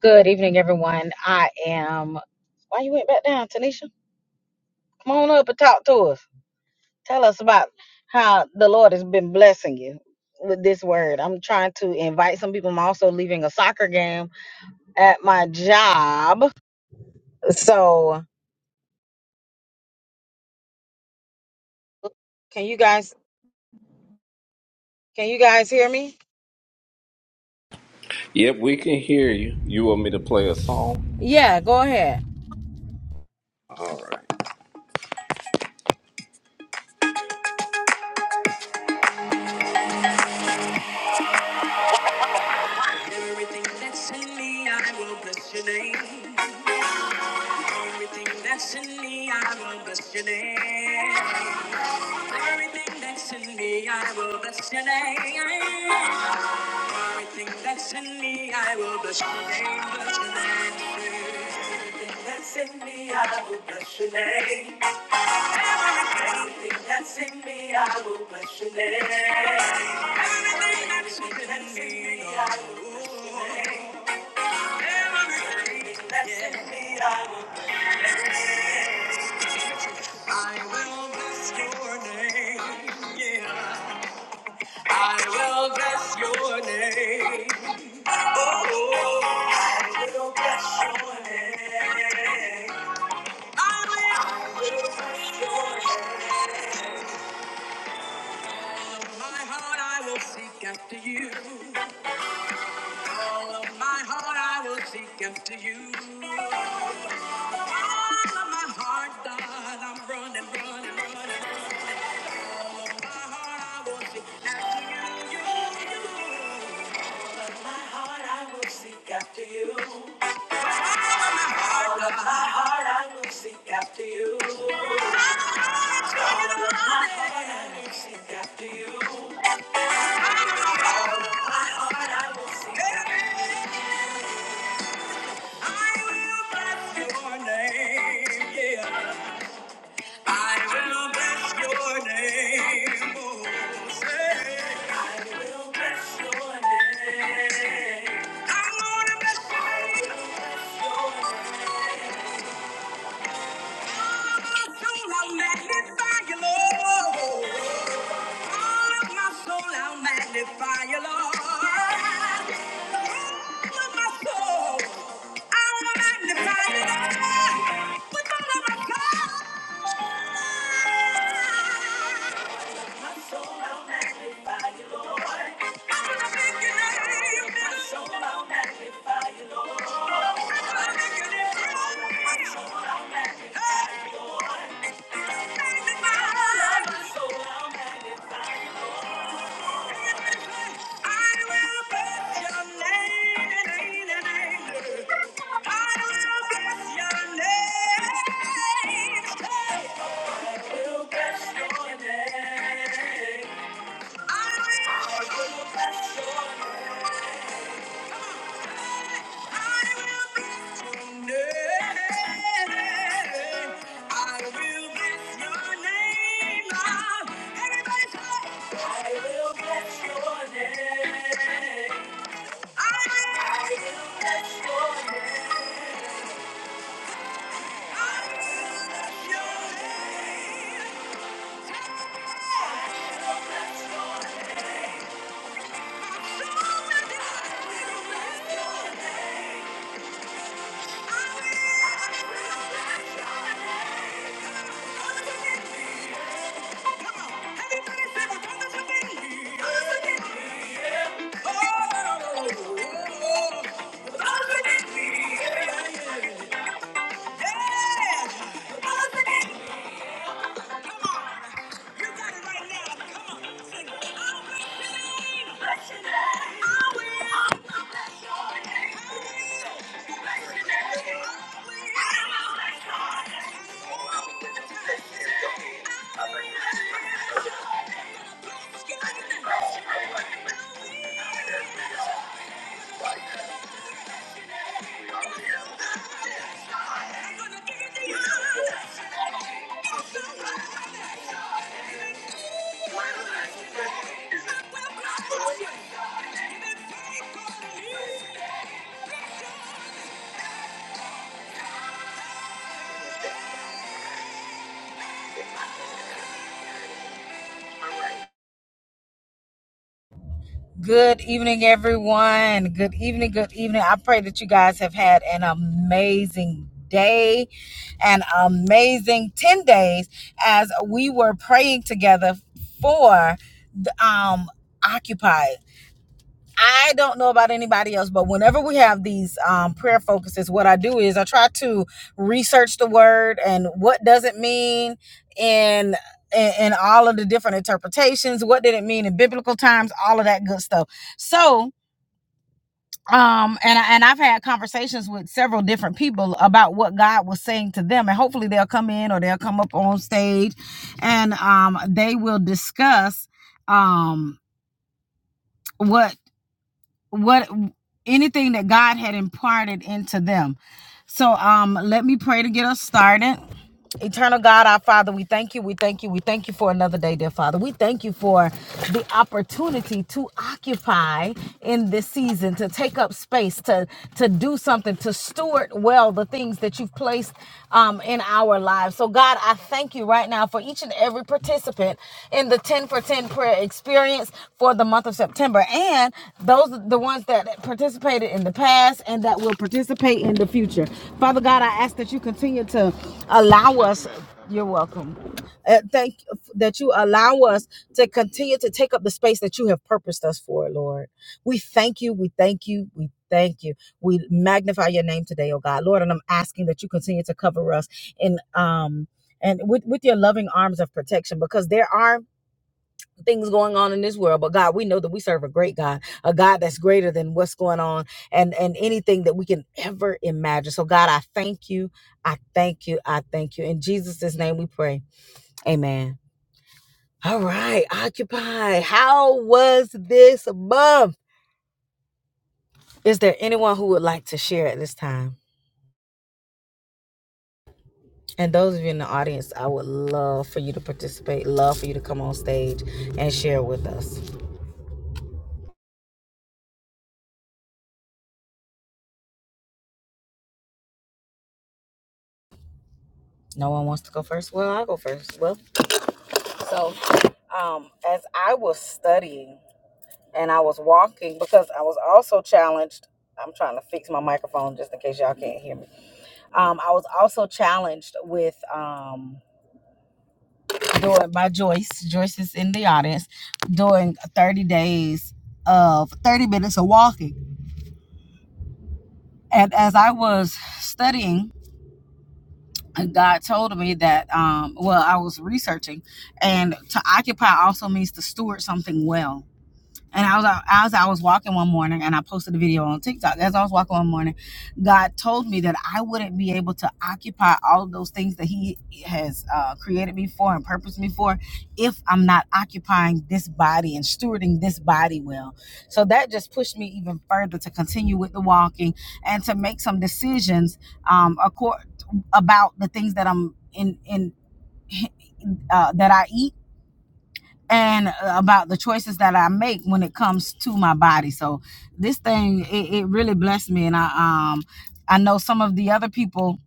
Good evening, everyone. I am. Why you went back down, Tanisha? Come on up and talk to us. Tell us about how the Lord has been blessing you with this word. I'm trying to invite some people. I'm also leaving a soccer game at my job. So, can you guys can you guys hear me? Yep, we can hear you. You want me to play a song? Yeah, go ahead. Everything that's in me, I will bless your name. Everything that's in me, I will bless your name. Everything that's in me, I will bless your name. Everything that's in me, I will bless your name. Bless your name. Everything That's in me, I will bless your name. Everything that's in me, I will bless your name. Everything that's in me, I will bless your name. I will bless your name. Yeah. I will bless your name. Oh, I will bless your name. I will bless your name. With all my heart I will seek after you. all of my heart I will seek after you. all of my heart, God, I'm running, running, running. After you, all of my heart, I will seek after you. All of my heart, I will seek after you. Yeah. I will bless your name. oh, say, I will bless your name. I'm gonna bless your name. Thank you. I will bless your name. Oh! I'll it. Thank you. Good evening, everyone. Good evening. Good evening. I pray that you guys have had an amazing day, an amazing 10 days as we were praying together for the, um, Occupy. I don't know about anybody else, but whenever we have these um, prayer focuses, what I do is I try to research the word and what does it mean in in in all of the different interpretations. What did it mean in biblical times? All of that good stuff. So. Um and I, and I've had conversations with several different people about what God was saying to them and hopefully they'll come in or they'll come up on stage and um they will discuss um what what anything that God had imparted into them. So um let me pray to get us started. Eternal God, our Father, we thank you, we thank you, we thank you for another day, dear Father. We thank you for the opportunity to occupy in this season, to take up space, to to do something, to steward well the things that you've placed um, in our lives. So, God, I thank you right now for each and every participant in the 10 for 10 prayer experience for the month of September and those the ones that participated in the past and that will participate in the future. Father God, I ask that you continue to allow us you're welcome. Uh, thank you that you allow us to continue to take up the space that you have purposed us for, Lord. We thank you. We thank you. We thank you. We magnify your name today, oh God, Lord. And I'm asking that you continue to cover us in um and with, with your loving arms of protection because there are things going on in this world but god we know that we serve a great god a god that's greater than what's going on and and anything that we can ever imagine so god i thank you i thank you i thank you in jesus' name we pray amen all right occupy how was this month is there anyone who would like to share at this time and those of you in the audience i would love for you to participate love for you to come on stage and share with us No one wants to go first. Well, I'll go first. Well, so um, as I was studying and I was walking because I was also challenged. I'm trying to fix my microphone just in case y'all can't hear me. Um, I was also challenged with um, doing by Joyce. Joyce is in the audience doing 30 days of 30 minutes of walking. And as I was studying and God told me that, um, well, I was researching, and to occupy also means to steward something well and I was out- as I was walking one morning, and I posted a video on TikTok. As I was walking one morning, God told me that I wouldn't be able to occupy all of those things that He has uh, created me for and purposed me for if I'm not occupying this body and stewarding this body well. So that just pushed me even further to continue with the walking and to make some decisions um, accord- about the things that I'm in in uh, that I eat and uh, about the choices that I make when it comes to my body. So this thing, it, it really blessed me, and I um I know some of the other people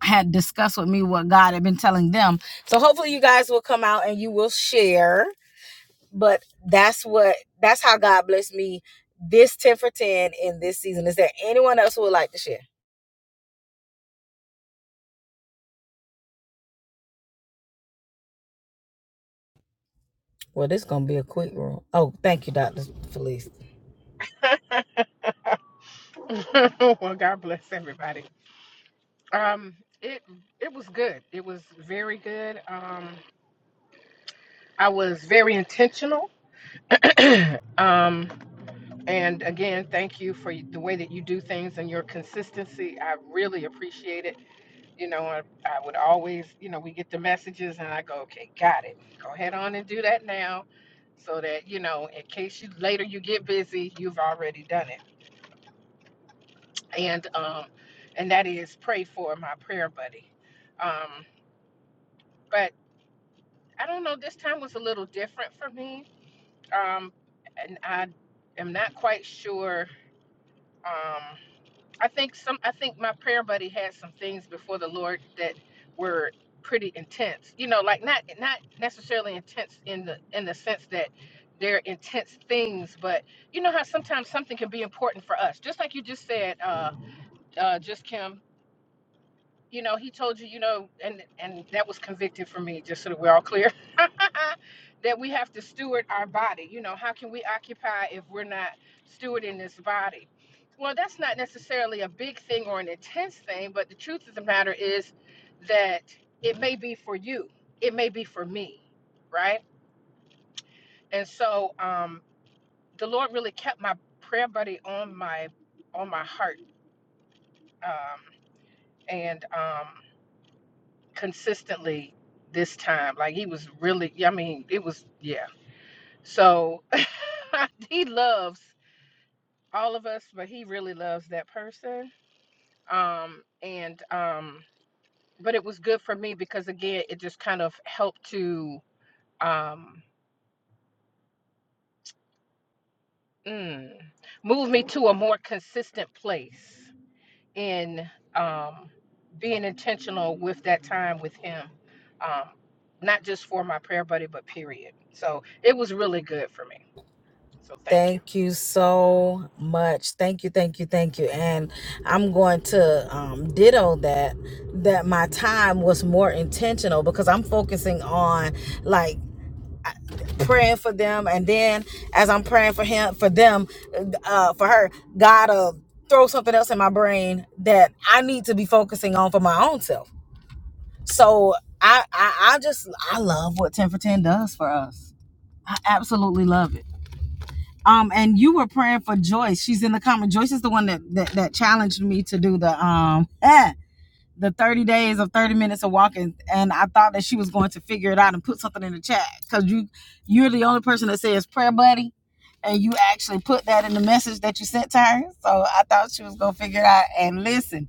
had discussed with me what God had been telling them. So hopefully you guys will come out and you will share. But that's what that's how God blessed me this 10 for 10 in this season. Is there anyone else who would like to share? Well, this gonna be a quick room. Oh, thank you, Doctor Felice. well, God bless everybody. Um, it it was good. It was very good. Um, I was very intentional. um, and again, thank you for the way that you do things and your consistency. I really appreciate it. You know, I, I would always, you know, we get the messages and I go, okay, got it. Go ahead on and do that now, so that you know, in case you later you get busy, you've already done it. And um, and that is pray for my prayer buddy. Um, but I don't know. This time was a little different for me, um, and I am not quite sure. Um, I think some. I think my prayer buddy had some things before the Lord that were pretty intense. You know, like not not necessarily intense in the in the sense that they're intense things, but you know how sometimes something can be important for us. Just like you just said, uh, uh, just Kim. you know, he told you, you know, and and that was convicted for me, just so that we're all clear, that we have to steward our body. You know, how can we occupy if we're not stewarding this body? Well, that's not necessarily a big thing or an intense thing, but the truth of the matter is that it may be for you, it may be for me, right? And so, um, the Lord really kept my prayer buddy on my on my heart, um, and um, consistently this time. Like he was really, yeah, I mean, it was, yeah. So he loves all of us, but he really loves that person. Um, and, um, but it was good for me because again, it just kind of helped to, um, mm, move me to a more consistent place in, um, being intentional with that time with him. Um, not just for my prayer buddy, but period. So it was really good for me. So thank you. Thank you so much. Thank you, thank you, thank you. And I'm going to um, ditto that that my time was more intentional because I'm focusing on like praying for them and then as i'm praying for him for them uh for her god will throw something else in my brain that i need to be focusing on for my own self so i i, I just i love what 10 for 10 does for us i absolutely love it um and you were praying for joyce she's in the comment joyce is the one that that, that challenged me to do the um eh, the 30 days of 30 minutes of walking and i thought that she was going to figure it out and put something in the chat because you you're the only person that says prayer buddy and you actually put that in the message that you sent to her so i thought she was going to figure it out and listen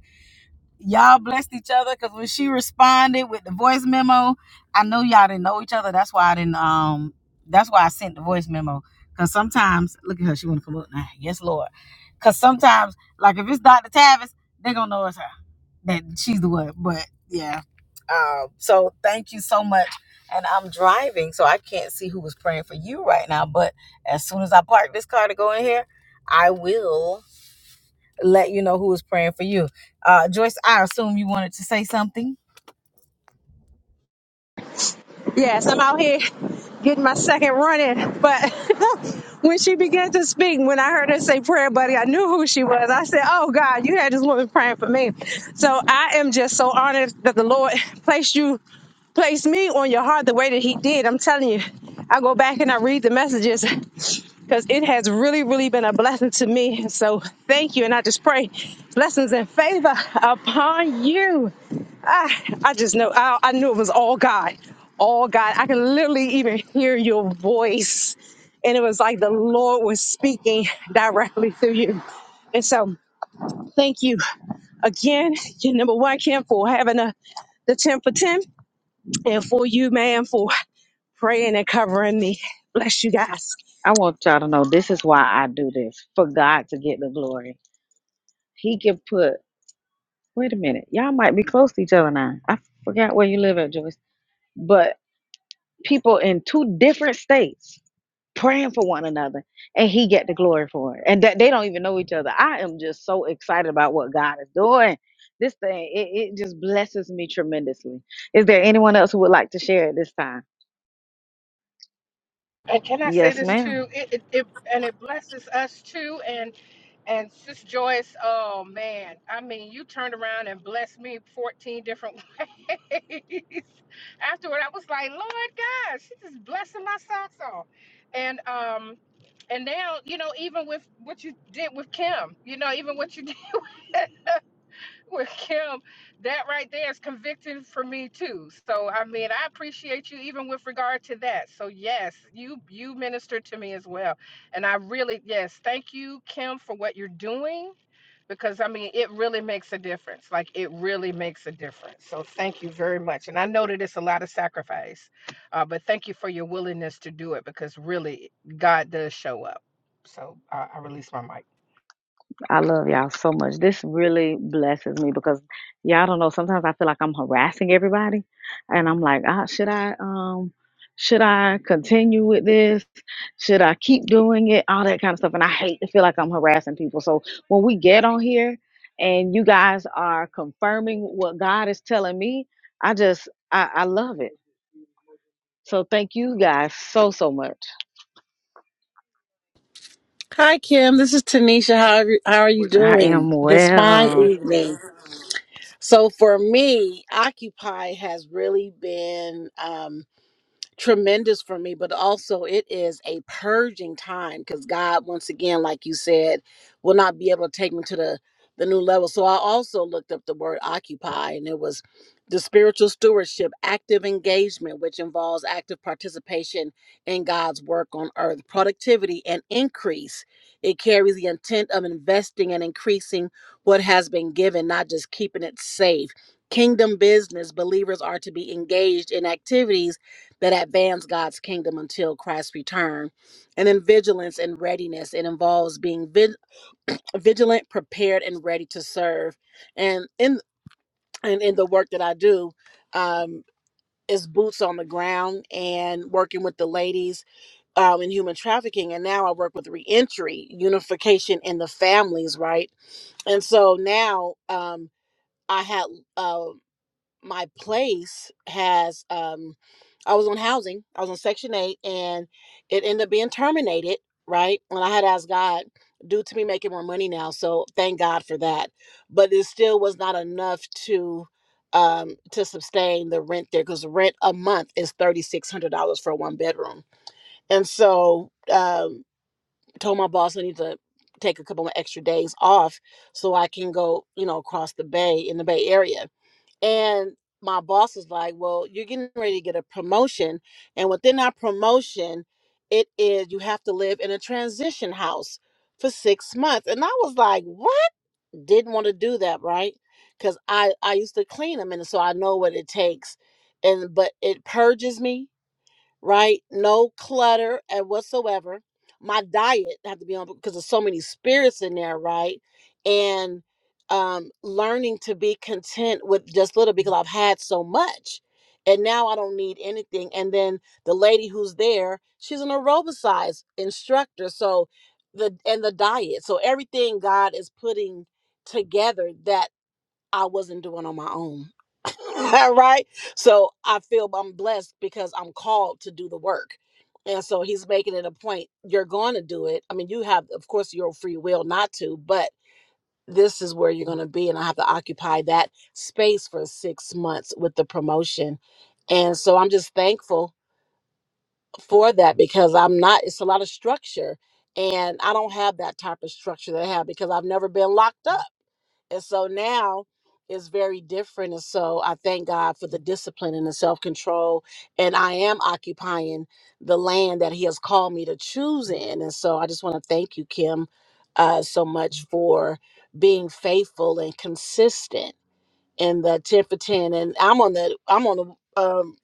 y'all blessed each other because when she responded with the voice memo, I know y'all didn't know each other. That's why I didn't. Um, that's why I sent the voice memo. Cause sometimes, look at her. She wanna come up now. Yes, Lord. Cause sometimes, like if it's Dr. Tavis, they gonna know it's her. That she's the one. But yeah. Um. So thank you so much. And I'm driving, so I can't see who was praying for you right now. But as soon as I park this car to go in here, I will let you know who is praying for you. Uh, Joyce, I assume you wanted to say something. Yes, I'm out here getting my second run in. But when she began to speak, when I heard her say prayer, buddy, I knew who she was. I said, Oh God, you had this woman praying for me. So I am just so honored that the Lord placed you, placed me on your heart the way that He did. I'm telling you, I go back and I read the messages because it has really, really been a blessing to me. So thank you. And I just pray blessings and favor upon you. I, I just know I, I knew it was all God, all God. I can literally even hear your voice, and it was like the Lord was speaking directly through you. And so, thank you again, your number one, Kim, for having a, the ten for ten, and for you, man, for praying and covering me. Bless you guys. I want y'all to know this is why I do this for God to get the glory. He can put, wait a minute, y'all might be close to each other now. I forgot where you live at, Joyce, but people in two different states praying for one another and he get the glory for it and that they don't even know each other i am just so excited about what god is doing this thing it, it just blesses me tremendously is there anyone else who would like to share at this time And can I say yes this ma'am too? It, it, it and it blesses us too. And and Sis Joyce, oh man, I mean, you turned around and blessed me 14 different ways. Afterward, I was like, Lord God, she's just blessing my socks off. And um, and now you know, even with what you did with Kim, you know, even what you with Kim, that right there is convicting for me too. So I mean, I appreciate you even with regard to that. So yes, you you minister to me as well, and I really yes, thank you, Kim, for what you're doing because I mean it really makes a difference. Like it really makes a difference. So thank you very much, and I know that it's a lot of sacrifice, uh, but thank you for your willingness to do it because really God does show up. So I, I release my mic. I love y'all so much. This really blesses me because y'all don't know. Sometimes I feel like I'm harassing everybody, and I'm like, ah, should I um, should I continue with this? Should I keep doing it? All that kind of stuff. And I hate to feel like I'm harassing people. So when we get on here and you guys are confirming what God is telling me, I just I, I love it. So thank you guys so so much. Hi, Kim. This is Tanisha. How are you, how are you I doing am this fine well. evening? So, for me, Occupy has really been. Um, tremendous for me, but also it is a purging time because God, once again, like you said, will not be able to take me to the the new level. So I also looked up the word occupy, and it was the spiritual stewardship, active engagement, which involves active participation in God's work on earth, productivity and increase. It carries the intent of investing and increasing what has been given, not just keeping it safe. Kingdom business, believers are to be engaged in activities that advance God's kingdom until Christ's return. And then vigilance and readiness. It involves being vig- vigilant, prepared, and ready to serve. And in and in the work that I do, um, is boots on the ground and working with the ladies um, in human trafficking. And now I work with reentry, unification in the families, right? And so now um, I had. uh, my place has um I was on housing. I was on section 8 and it ended up being terminated, right? And I had asked God due to me making more money now. So thank God for that. But it still was not enough to um to sustain the rent there cuz rent a month is $3600 for a one bedroom. And so um told my boss I need to take a couple of extra days off so I can go, you know, across the bay in the bay area and my boss was like, Well, you're getting ready to get a promotion. And within that promotion, it is you have to live in a transition house for six months. And I was like, What? Didn't want to do that, right? Because I, I used to clean them and so I know what it takes. And but it purges me right? No clutter and whatsoever. My diet have to be on because there's so many spirits in there, right? And um learning to be content with just little because I've had so much. And now I don't need anything. And then the lady who's there, she's an aerobicized instructor. So the and the diet. So everything God is putting together that I wasn't doing on my own. All right. So I feel I'm blessed because I'm called to do the work. And so he's making it a point. You're going to do it. I mean, you have, of course, your free will not to, but this is where you're going to be. And I have to occupy that space for six months with the promotion. And so I'm just thankful for that because I'm not, it's a lot of structure. And I don't have that type of structure that I have because I've never been locked up and so now it's very different. And so I thank God for the discipline and the self control. And I am occupying the land that He has called me to choose in. And so I just want to thank you, Kim, uh, so much for being faithful and consistent in the 10 for 10. And I'm on the, I'm on the, um,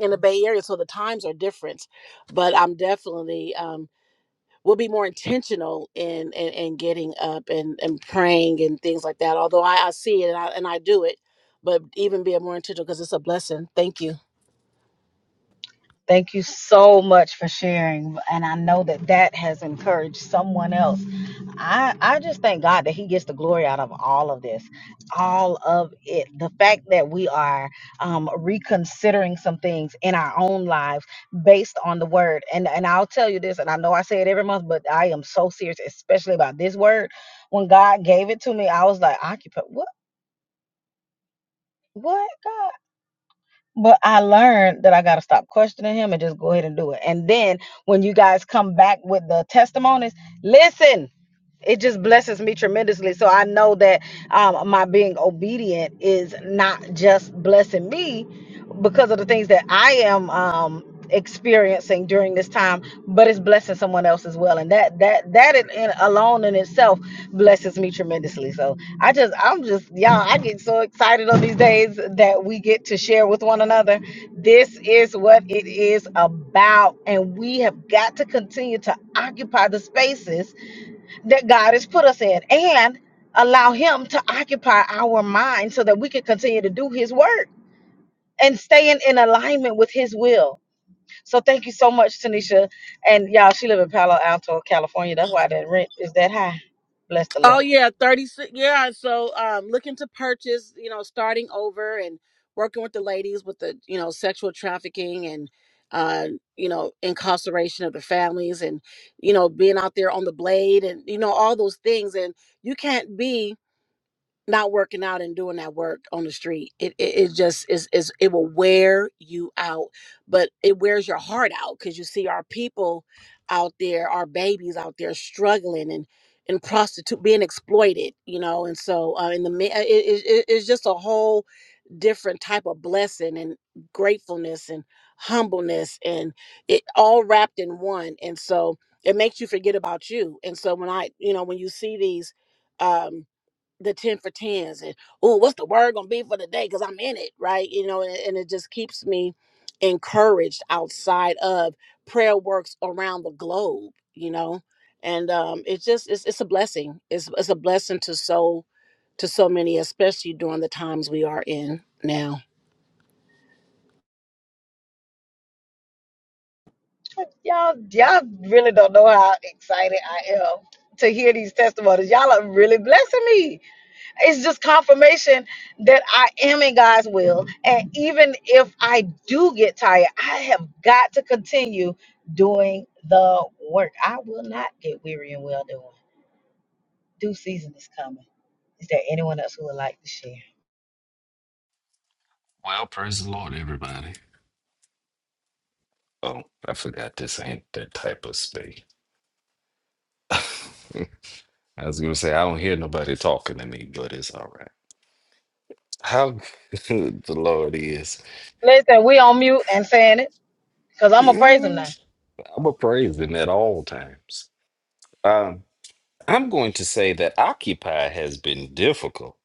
in the Bay Area, so the times are different, but I'm definitely um we'll be more intentional in in, in getting up and, and praying and things like that. Although I, I see it and I and I do it, but even being more intentional because it's a blessing. Thank you. Thank you so much for sharing. And I know that that has encouraged someone else. I, I just thank God that He gets the glory out of all of this, all of it. The fact that we are um, reconsidering some things in our own lives based on the word. And, and I'll tell you this, and I know I say it every month, but I am so serious, especially about this word. When God gave it to me, I was like, occupy, what? What God? But I learned that I got to stop questioning him and just go ahead and do it. And then when you guys come back with the testimonies, listen it just blesses me tremendously. So I know that um, my being obedient is not just blessing me because of the things that I am um, experiencing during this time, but it's blessing someone else as well. And that that that in, in- alone in itself blesses me tremendously. So I just I'm just y'all I get so excited on these days that we get to share with one another. This is what it is about, and we have got to continue to occupy the spaces that God has put us in and allow Him to occupy our mind so that we can continue to do His work and staying in alignment with His will. So thank you so much, Tanisha. And y'all, she live in Palo Alto, California. That's why that rent is that high. Bless the Oh Lord. yeah, thirty six. Yeah, so um, looking to purchase, you know, starting over and working with the ladies with the you know sexual trafficking and uh, you know incarceration of the families and you know being out there on the blade and you know all those things and you can't be not working out and doing that work on the street. It it, it just is is it will wear you out, but it wears your heart out because you see our people out there, our babies out there struggling and and prostitute being exploited, you know. And so uh, in the mi- uh, it, it, it- it's just a whole different type of blessing and gratefulness and humbleness and it all wrapped in one. And so it makes you forget about you. And so when I you know when you see these. um the 10 for 10s and oh what's the word gonna be for the day because i'm in it right you know and, and it just keeps me encouraged outside of prayer works around the globe you know and um it's just it's, it's a blessing it's, it's a blessing to so to so many especially during the times we are in now Y'all, y'all really don't know how excited I am to hear these testimonies. Y'all are really blessing me. it's just confirmation that I am in God's will. And even if I do get tired, I have got to continue doing the work. I will not get weary and well doing. Due season is coming. Is there anyone else who would like to share? Well, praise the Lord, everybody. Oh, I forgot this ain't that type of space. I was gonna say I don't hear nobody talking to me, but it's all right. How good the Lord is. Listen, we on mute and saying it because I'm going to praise him now. Yes, I'm a praise him at all times. Um, I'm going to say that Occupy has been difficult.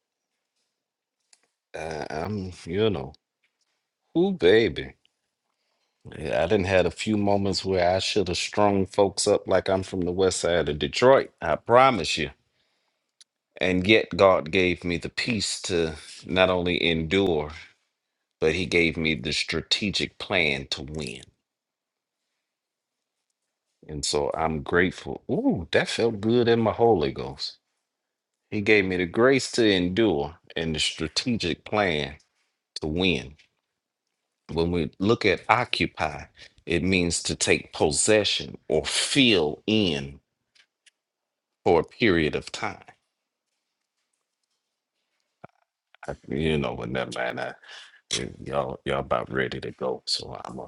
Uh, I'm, you know, who baby. Yeah, I didn't had a few moments where I should have strung folks up like I'm from the west side of Detroit. I promise you. And yet God gave me the peace to not only endure, but he gave me the strategic plan to win. And so I'm grateful. Ooh, that felt good in my Holy Ghost. He gave me the grace to endure and the strategic plan to win. When we look at occupy, it means to take possession or fill in for a period of time. I, you know, but never mind. I, y'all, y'all about ready to go, so I'm gonna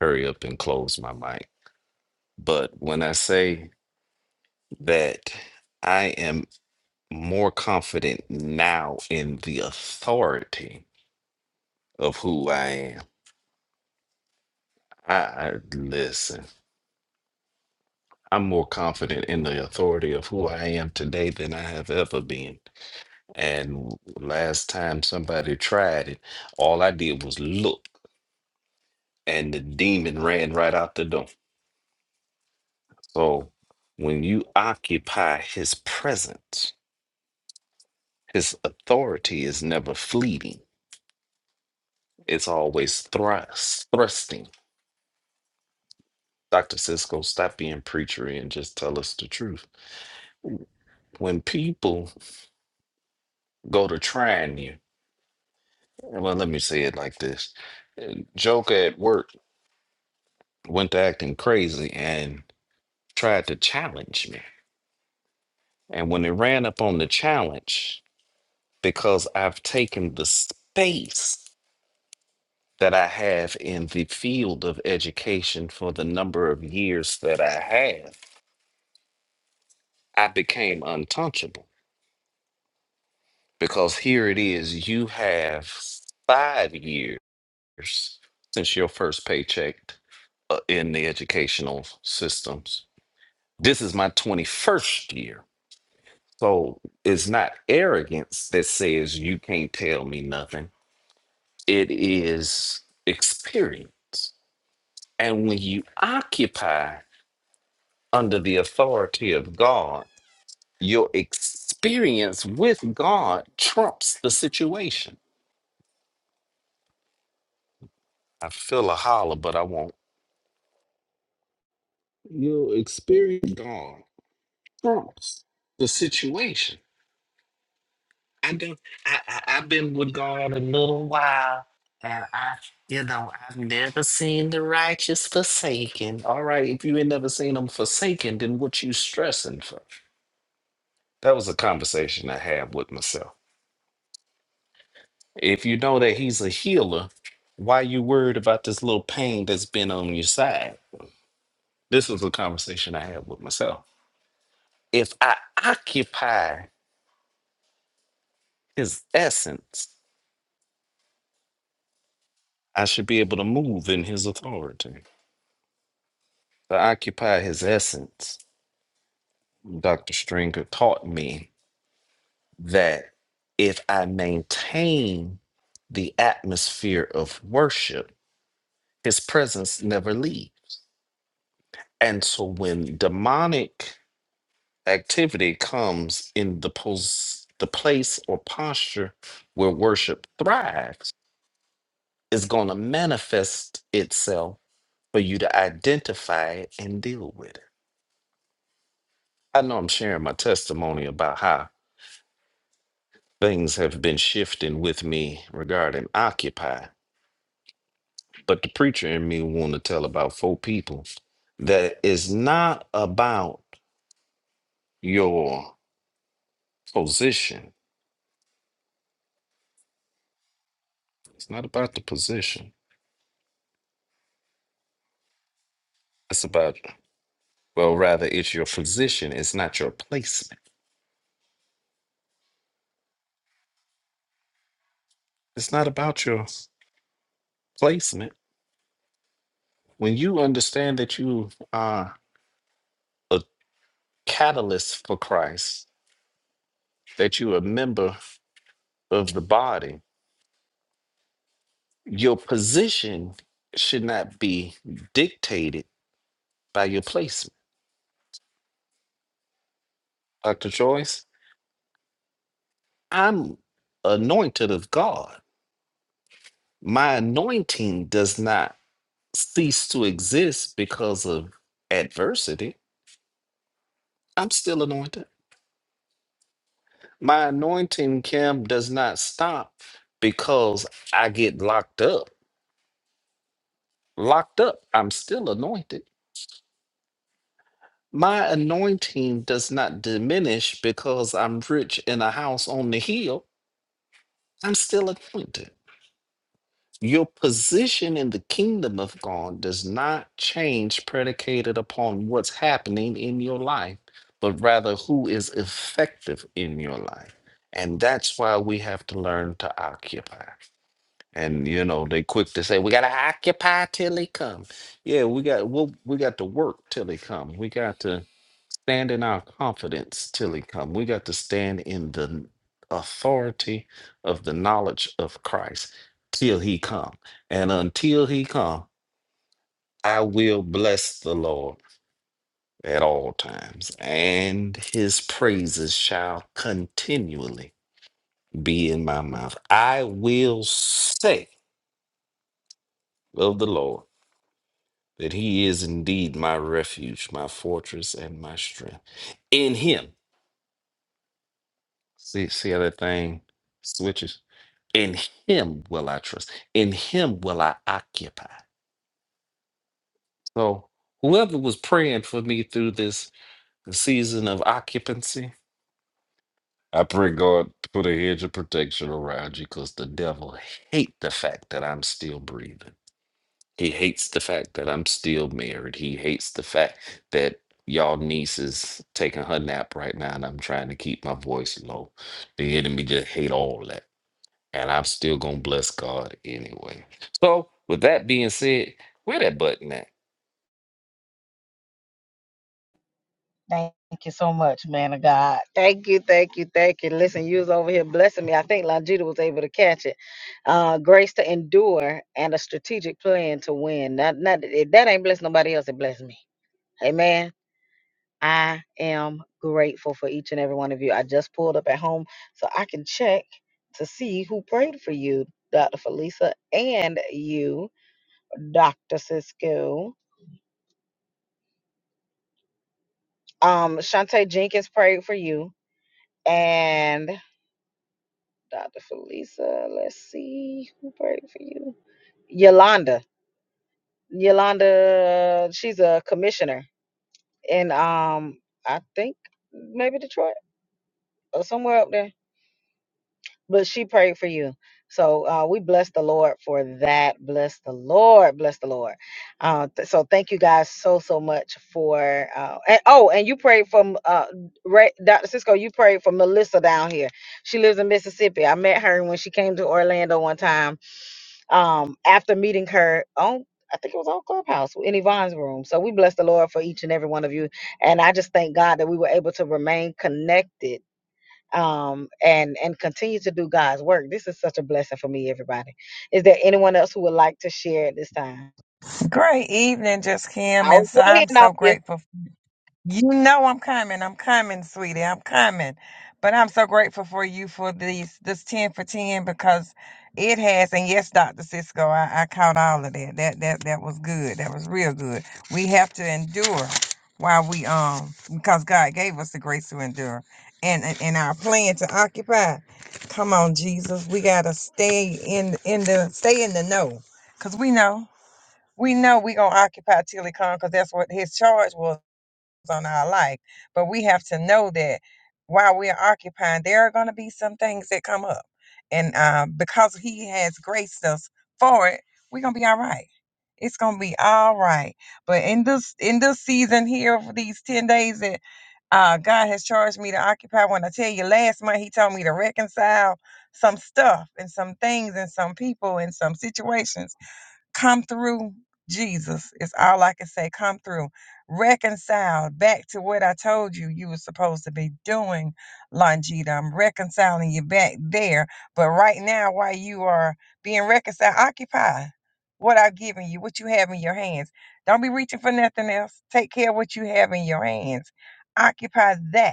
hurry up and close my mic. But when I say that I am more confident now in the authority of who I am, I, I listen. I'm more confident in the authority of who I am today than I have ever been. And last time somebody tried it, all I did was look. and the demon ran right out the door. So when you occupy his presence, his authority is never fleeting. It's always thrust, thrusting. Dr. Cisco, stop being preachery and just tell us the truth. When people go to trying you, well, let me say it like this. Joker at work went to acting crazy and tried to challenge me. And when it ran up on the challenge, because I've taken the space that I have in the field of education for the number of years that I have, I became untouchable because here it is you have five years since your first paycheck uh, in the educational systems. This is my 21st year. So it's not arrogance that says you can't tell me nothing, it is experience. And when you occupy under the authority of God, your experience with God trumps the situation. I feel a holler, but I won't. Your experience with God trumps the situation. I do. I, I I've been with God a little while, and I, you know, I've never seen the righteous forsaken. All right, if you ain't never seen them forsaken, then what you stressing for? That was a conversation I had with myself. If you know that he's a healer, why you worried about this little pain that's been on your side? This was a conversation I had with myself. If I occupy his essence, I should be able to move in his authority. To occupy his essence, Dr. Stringer taught me that if I maintain the atmosphere of worship, his presence never leaves. And so when demonic activity comes in the pos- the place or posture where worship thrives is going to manifest itself for you to identify it and deal with it. I know I'm sharing my testimony about how things have been shifting with me regarding occupy, but the preacher in me want to tell about four people that is not about your position. It's not about the position. It's about Well, rather, it's your position, it's not your placement. It's not about your placement. When you understand that you are a catalyst for Christ, that you are a member of the body, your position should not be dictated by your placement. Dr. Joyce, I'm anointed of God. My anointing does not cease to exist because of adversity. I'm still anointed. My anointing, Kim, does not stop because I get locked up. Locked up, I'm still anointed. My anointing does not diminish because I'm rich in a house on the hill. I'm still anointed. Your position in the kingdom of God does not change predicated upon what's happening in your life, but rather who is effective in your life. And that's why we have to learn to occupy. And you know, they quick to say, we gotta occupy till he come. Yeah, we got well, we got to work till he come. We got to stand in our confidence till he come. We got to stand in the authority of the knowledge of Christ till he come. And until he come, I will bless the Lord at all times, and his praises shall continually be in my mouth. I will say of the Lord. that he is indeed my refuge, my fortress, and my strength. In him, see, see how that thing switches? In him will I trust. In him will I occupy. So whoever was praying for me through this season of occupancy, I pray God put a hedge of protection around you because the devil hate the fact that I'm still breathing. He hates the fact that I'm still married. He hates the fact that y'all niece is taking her nap right now and I'm trying to keep my voice low. The enemy just hate all that. And I'm still gonna bless God anyway. So with that being said, where that button at? Thank you so much, man of God. Thank you, thank you, thank you. Listen, you was over here blessing me. I think Longita was able to catch it. Uh, grace to endure and a strategic plan to win. Not, not if that ain't bless nobody else, it bless me. Amen. I am grateful for each and every one of you. I just pulled up at home so I can check to see who prayed for you, Dr. Felisa, and you, Dr. Cisco. Um, Shantae Jenkins prayed for you, and. Dr. Felisa. Let's see who prayed for you. Yolanda. Yolanda, she's a commissioner in um I think maybe Detroit or somewhere up there. But she prayed for you. So uh, we bless the Lord for that. Bless the Lord. Bless the Lord. Uh, th- so thank you guys so so much for. Uh, and, oh, and you prayed for uh, Ray, Dr. Cisco. You prayed for Melissa down here. She lives in Mississippi. I met her when she came to Orlando one time um, after meeting her on, I think it was on Clubhouse in Yvonne's room. So we bless the Lord for each and every one of you, and I just thank God that we were able to remain connected um and and continue to do God's work. This is such a blessing for me, everybody. Is there anyone else who would like to share at this time? Great evening, just Kim, I and was so I'm waiting on so you. grateful. You know I'm coming. I'm coming, sweetie. I'm coming. But I'm so grateful for you for these this ten for ten because it has and yes, Dr. Cisco, I, I caught all of that. That that that was good. That was real good. We have to endure while we um because God gave us the grace to endure and and, and our plan to occupy. Come on, Jesus. We gotta stay in in the stay in the know. Cause we know we know we're going to occupy till he comes because that's what his charge was on our life. But we have to know that while we're occupying, there are going to be some things that come up. And uh, because he has graced us for it, we're going to be all right. It's going to be all right. But in this in this season here, for these 10 days that uh, God has charged me to occupy. When I tell you last month, He told me to reconcile some stuff and some things and some people and some situations Come through, Jesus, It's all I can say. Come through. Reconcile back to what I told you you were supposed to be doing, Longita. I'm reconciling you back there. But right now, while you are being reconciled, occupy what I've given you, what you have in your hands. Don't be reaching for nothing else. Take care of what you have in your hands. Occupy that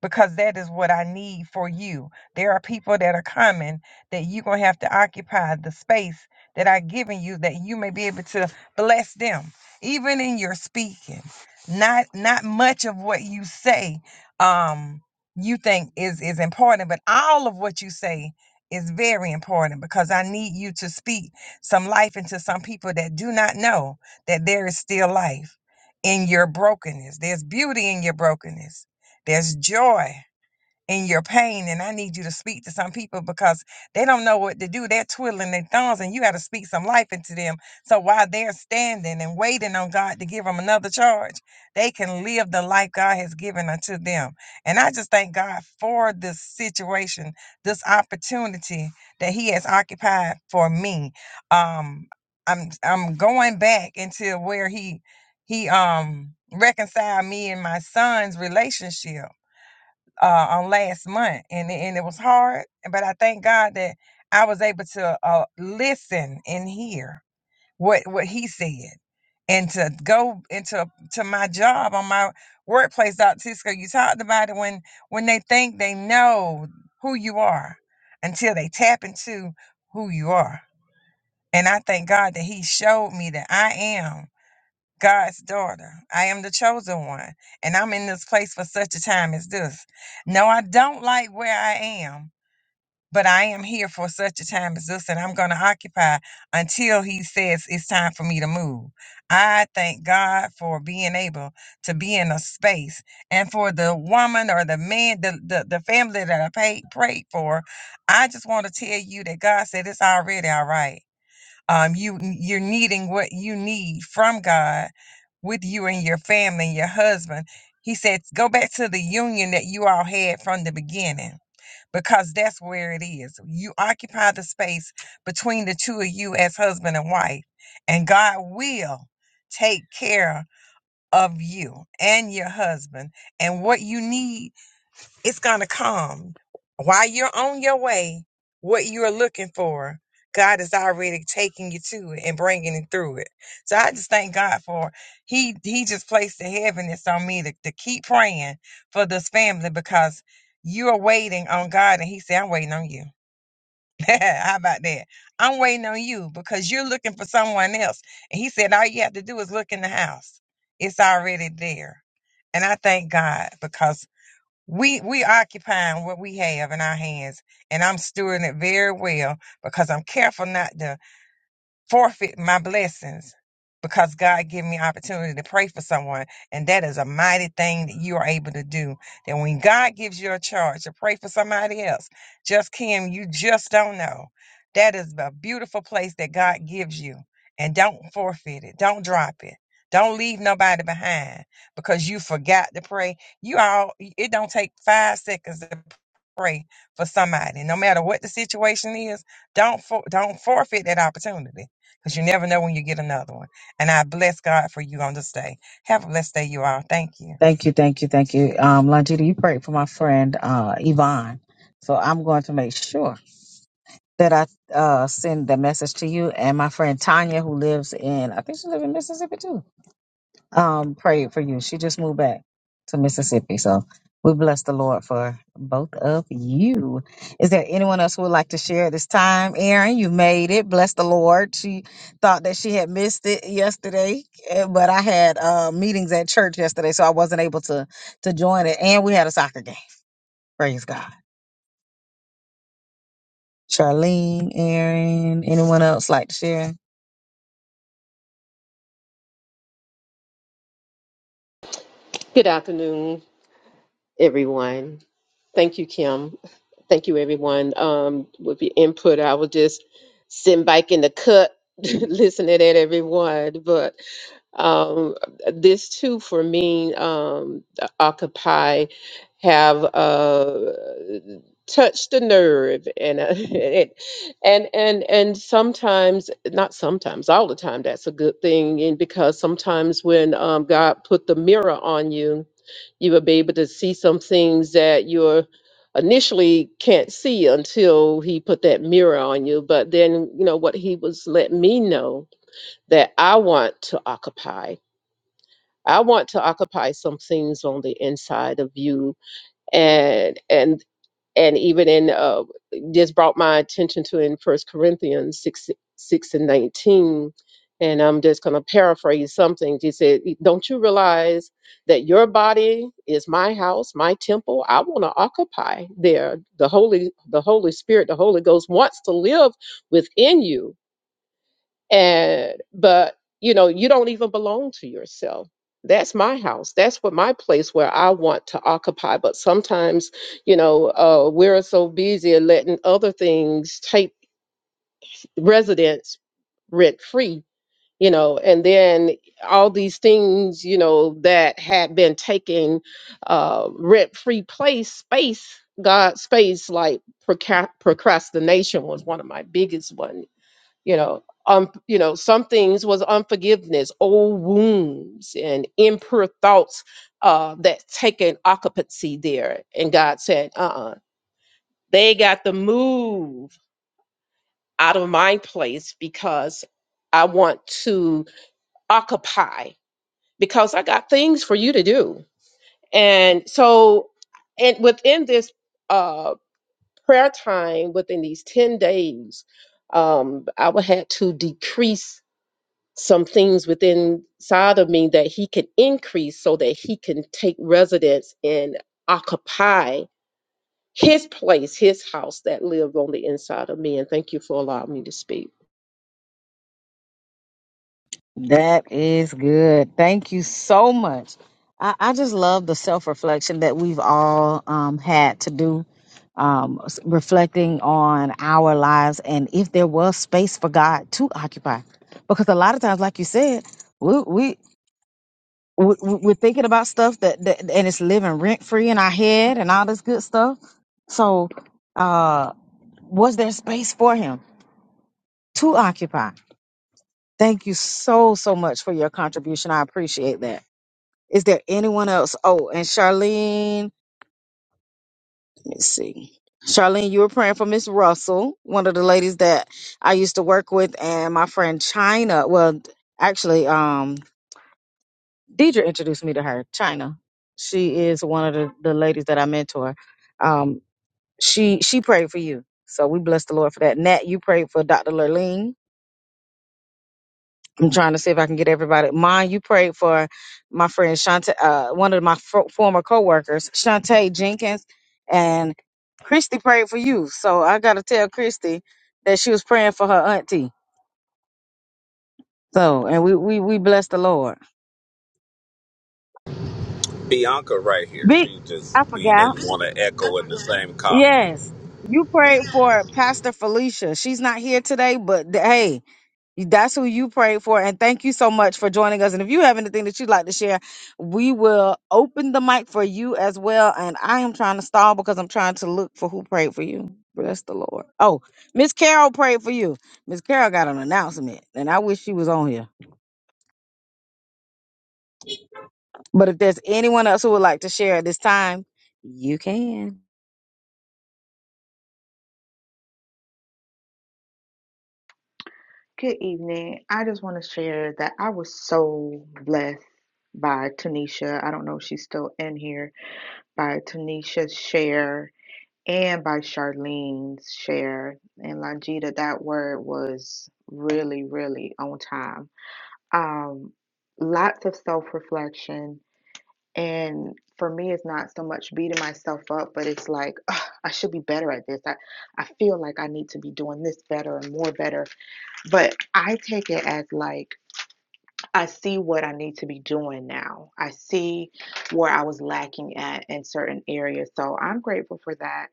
because that is what I need for you. There are people that are coming that you're going to have to occupy the space that I've given you that you may be able to bless them, even in your speaking. Not not much of what you say um you think is is important, but all of what you say is very important because I need you to speak some life into some people that do not know that there is still life in your brokenness. There's beauty in your brokenness there's joy in your pain, and I need you to speak to some people because they don't know what to do. They're twiddling their thumbs, and you got to speak some life into them. So while they're standing and waiting on God to give them another charge, they can live the life God has given unto them. And I just thank God for this situation, this opportunity that He has occupied for me. Um, I'm I'm going back into where He He um reconciled me and my son's relationship uh, on last month, and and it was hard. But I thank God that I was able to uh, listen and hear what what he said, and to go into to my job on my workplace. Dr. Cisco, you talked about it when when they think they know who you are until they tap into who you are. And I thank God that He showed me that I am. God's daughter. I am the chosen one, and I'm in this place for such a time as this. No, I don't like where I am, but I am here for such a time as this, and I'm going to occupy until He says it's time for me to move. I thank God for being able to be in a space and for the woman or the man, the, the, the family that I paid, prayed for. I just want to tell you that God said it's already all right um, you you're needing what you need from God with you and your family and your husband. He said, go back to the union that you all had from the beginning because that's where it is. You occupy the space between the two of you as husband and wife, and God will take care of you and your husband and what you need. It's going to come. While you're on your way, what you're looking for, God is already taking you to it and bringing it through it. So I just thank God for he he just placed the heaviness on me to, to keep praying for this family because you're waiting on God and he said, I'm waiting on you. How about that? I'm waiting on you because you're looking for someone else. And he said, all you have to do is look in the house. It's already there. And I thank God because we we occupying what we have in our hands, and I'm stewarding it very well because I'm careful not to forfeit my blessings because God gave me opportunity to pray for someone. And that is a mighty thing that you are able to do. That when God gives you a charge to pray for somebody else, just Kim, you just don't know. That is a beautiful place that God gives you. And don't forfeit it. Don't drop it. Don't leave nobody behind because you forgot to pray. You all it don't take five seconds to pray for somebody. No matter what the situation is, don't for, don't forfeit that opportunity because you never know when you get another one. And I bless God for you on this day. Have a blessed day, you all. Thank you. Thank you, thank you, thank you. Um, Longita, you prayed for my friend uh, Yvonne. So I'm going to make sure that I uh, send the message to you and my friend Tanya, who lives in, I think she lives in Mississippi too. um, prayed for you. She just moved back to Mississippi. So we bless the Lord for both of you. Is there anyone else who would like to share at this time? Erin, you made it. Bless the Lord. She thought that she had missed it yesterday, eh, but I had uh, meetings at church yesterday, so I wasn't able to to join it. And we had a soccer game. Praise God. Charlene, Erin, anyone else like to share? Good afternoon, everyone. Thank you, Kim. Thank you, everyone. Um, with the input, I was just sitting back in the cut, listening at everyone. But um, this too, for me, um, the Occupy have uh, touched the nerve, and uh, it, and and and sometimes, not sometimes, all the time. That's a good thing, and because sometimes when um, God put the mirror on you, you will be able to see some things that you're initially can't see until he put that mirror on you but then you know what he was letting me know that i want to occupy I want to occupy some things on the inside of you, and and and even in uh, this brought my attention to in First Corinthians six six and nineteen, and I'm just going to paraphrase something. He said, "E, "Don't you realize that your body is my house, my temple? I want to occupy there. The Holy, the Holy Spirit, the Holy Ghost wants to live within you." and but you know you don't even belong to yourself that's my house that's what my place where i want to occupy but sometimes you know uh, we're so busy at letting other things take residence rent free you know and then all these things you know that had been taking uh, rent free place space god space like proca- procrastination was one of my biggest ones you know um you know some things was unforgiveness old wounds and impure thoughts uh that taken occupancy there and god said uh-uh they got to move out of my place because i want to occupy because i got things for you to do and so and within this uh prayer time within these 10 days um i would had to decrease some things within side of me that he can increase so that he can take residence and occupy his place, his house that lives on the inside of me. And thank you for allowing me to speak. That is good. Thank you so much. I, I just love the self reflection that we've all um, had to do, um, s- reflecting on our lives and if there was space for God to occupy. Because a lot of times, like you said, we, we, we, we're thinking about stuff that, that and it's living rent free in our head and all this good stuff. So, uh, was there space for Him to occupy? Thank you so, so much for your contribution. I appreciate that. Is there anyone else? Oh, and Charlene, let me see. Charlene, you were praying for Miss Russell, one of the ladies that I used to work with, and my friend China. Well, actually, um, Deidre introduced me to her. China, she is one of the, the ladies that I mentor. Um, she she prayed for you, so we bless the Lord for that. Nat, you prayed for Dr. Lurleen. I'm trying to see if I can get everybody. Mine, you prayed for my friend Shante, uh, one of my fo- former coworkers, Shantae Jenkins, and Christy prayed for you. So I got to tell Christy that she was praying for her auntie. So, and we we we bless the Lord. Bianca right here. Big, She just I we forgot. didn't want to echo in the same car. Yes, you prayed for Pastor Felicia. She's not here today, but th- hey. That's who you prayed for. And thank you so much for joining us. And if you have anything that you'd like to share, we will open the mic for you as well. And I am trying to stall because I'm trying to look for who prayed for you. Bless the Lord. Oh, Miss Carol prayed for you. Miss Carol got an announcement, and I wish she was on here. But if there's anyone else who would like to share at this time, you can. Good evening. I just want to share that I was so blessed by Tanisha. I don't know if she's still in here. By Tanisha's share and by Charlene's share. And Longita, that word was really, really on time. Um, lots of self reflection. And for me, it's not so much beating myself up, but it's like, "Ugh, I should be better at this. I, I feel like I need to be doing this better and more better. But I take it as like, I see what I need to be doing now. I see where I was lacking at in certain areas. So I'm grateful for that.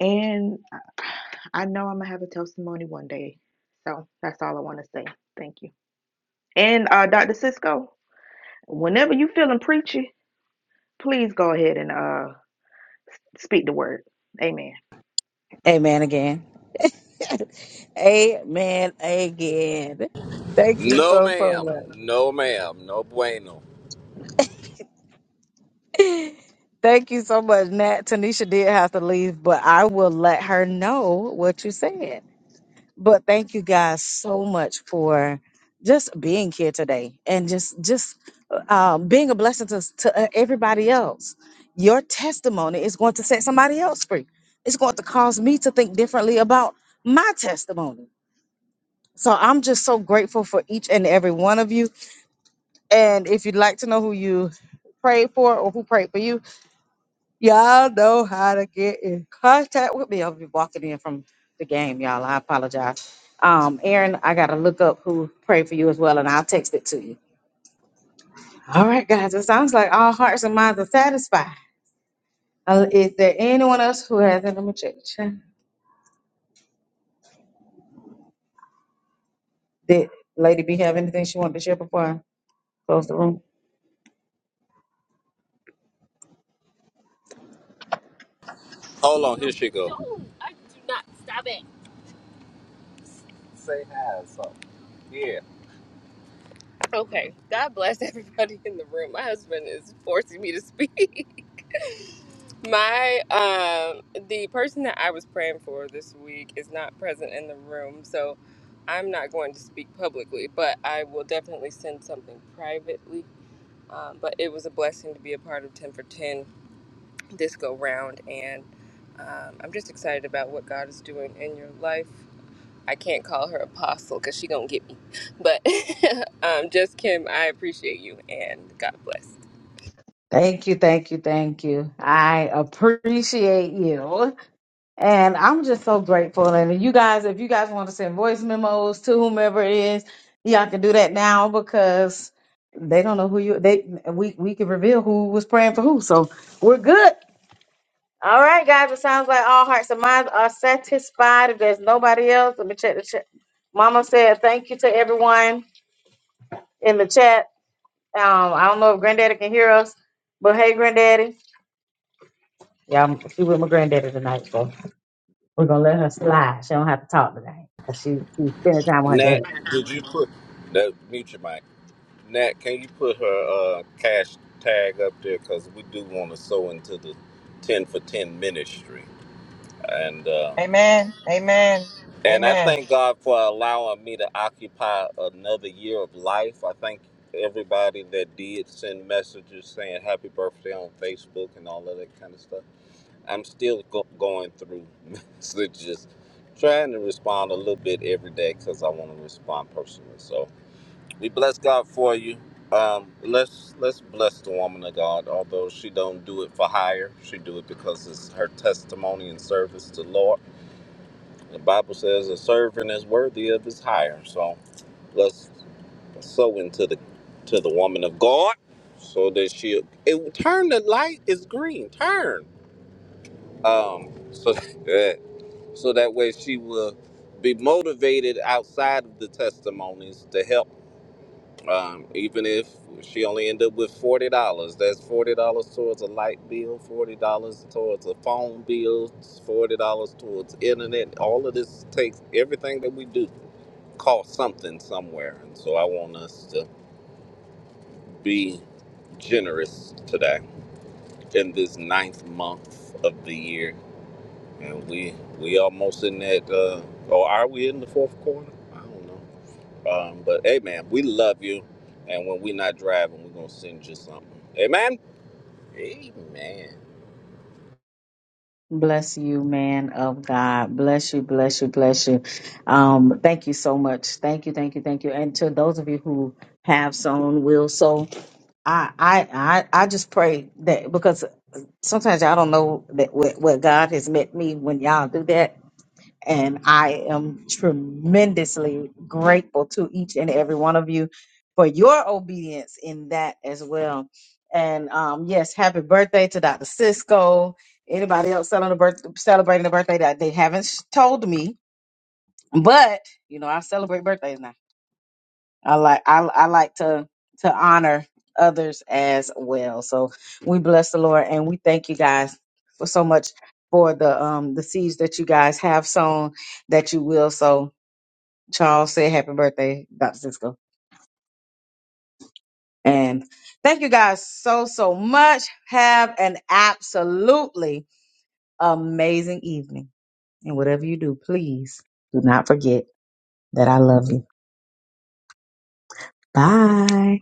And uh, I know I'm going to have a testimony one day. So that's all I want to say. Thank you. And uh, Dr. Cisco, whenever you feeling preachy, please go ahead and uh, speak the word. Amen. Amen again. Amen again. Thank you No so, so much. ma'am. No ma'am. No bueno. Thank you so much, Nat. Tanisha did have to leave, but I will let her know what you said. But thank you guys so much for just being here today and just just um, being a blessing to, to uh, everybody else. Your testimony is going to set somebody else free. It's going to cause me to think differently about my testimony. So I'm just so grateful for each and every one of you. And if you'd like to know who you prayed for or who prayed for you, Y'all know how to get in contact with me. I'll be walking in from the game, y'all. I apologize. Um, Aaron, I gotta look up who prayed for you as well, and I'll text it to you. All right, guys. It sounds like all hearts and minds are satisfied. Uh, is there anyone else who has it? Let me check. check. Did Lady B have anything she wanted to share before I close the room? Hold on. Here she go. Thank you, thank you, thank you. I appreciate you. And I'm just so grateful. And you guys, if you guys want to send voice memos to whomever it is, y'all can do that now because they don't know who you they we we can reveal who was praying for who. So we're good. All right, guys. It sounds like all hearts and minds are satisfied. If there's nobody else, let me check the chat. Mama said thank you to everyone in the chat. Um, I don't know if Granddaddy can hear us, but hey, Granddaddy. Yeah, I'm, she with my granddaddy tonight, so. We're gonna let her slide. She don't have to talk today because she she spending time with her Nat, daddy. did you put that mute your mic? Nat, can you put her uh, cash tag up there? Because we do want to sow into the 10 for 10 ministry. And uh, Amen. Amen. and I Amen. thank God for allowing me to occupy another year of life. I thank everybody that did send messages saying happy birthday on Facebook and all of that kind of stuff. I'm still go- going through messages, trying to respond a little bit every day because I want to respond personally. So. We bless God for you. Um, let's let's bless the woman of God. Although she don't do it for hire, she do it because it's her testimony and service to the Lord. The Bible says a servant is worthy of his hire. So let's sow into the to the woman of God, so that she it, turn the light is green. Turn. Um, so that, so that way she will be motivated outside of the testimonies to help Um, even if she only ended up with forty dollars, that's forty dollars towards a light bill, forty dollars towards a phone bill, forty dollars towards internet. All of this takes everything that we do costs something somewhere, and so I want us to be generous today in this ninth month of the year, and we we almost in that. Uh, or are we in the fourth quarter? I don't know. Um, but hey, man, we love you. And when we're not driving, we're going to send you something. Amen? Amen. Bless you, man of God. Bless you, bless you, bless you. Um, thank you so much. Thank you, thank you, thank you. And to those of you who have sown, will sow. I, I, I, I just pray that because sometimes y'all don't know that what, what God has met me when y'all do that. And I am tremendously grateful to each and every one of you for your obedience in that as well. And um, yes, happy birthday to Dr. Cisco. Anybody else celebrating a birth- celebrating a birthday that they haven't sh- told me, but you know, I celebrate birthdays now. I like I, I like to to honor others as well. So we bless the Lord and we thank you guys for so much for the um the seeds that you guys have sown that you will sow. Charles said happy birthday, Dr. Cisco. And thank you guys so so much. Have an absolutely amazing evening. And whatever you do, please do not forget that I love you. Bye.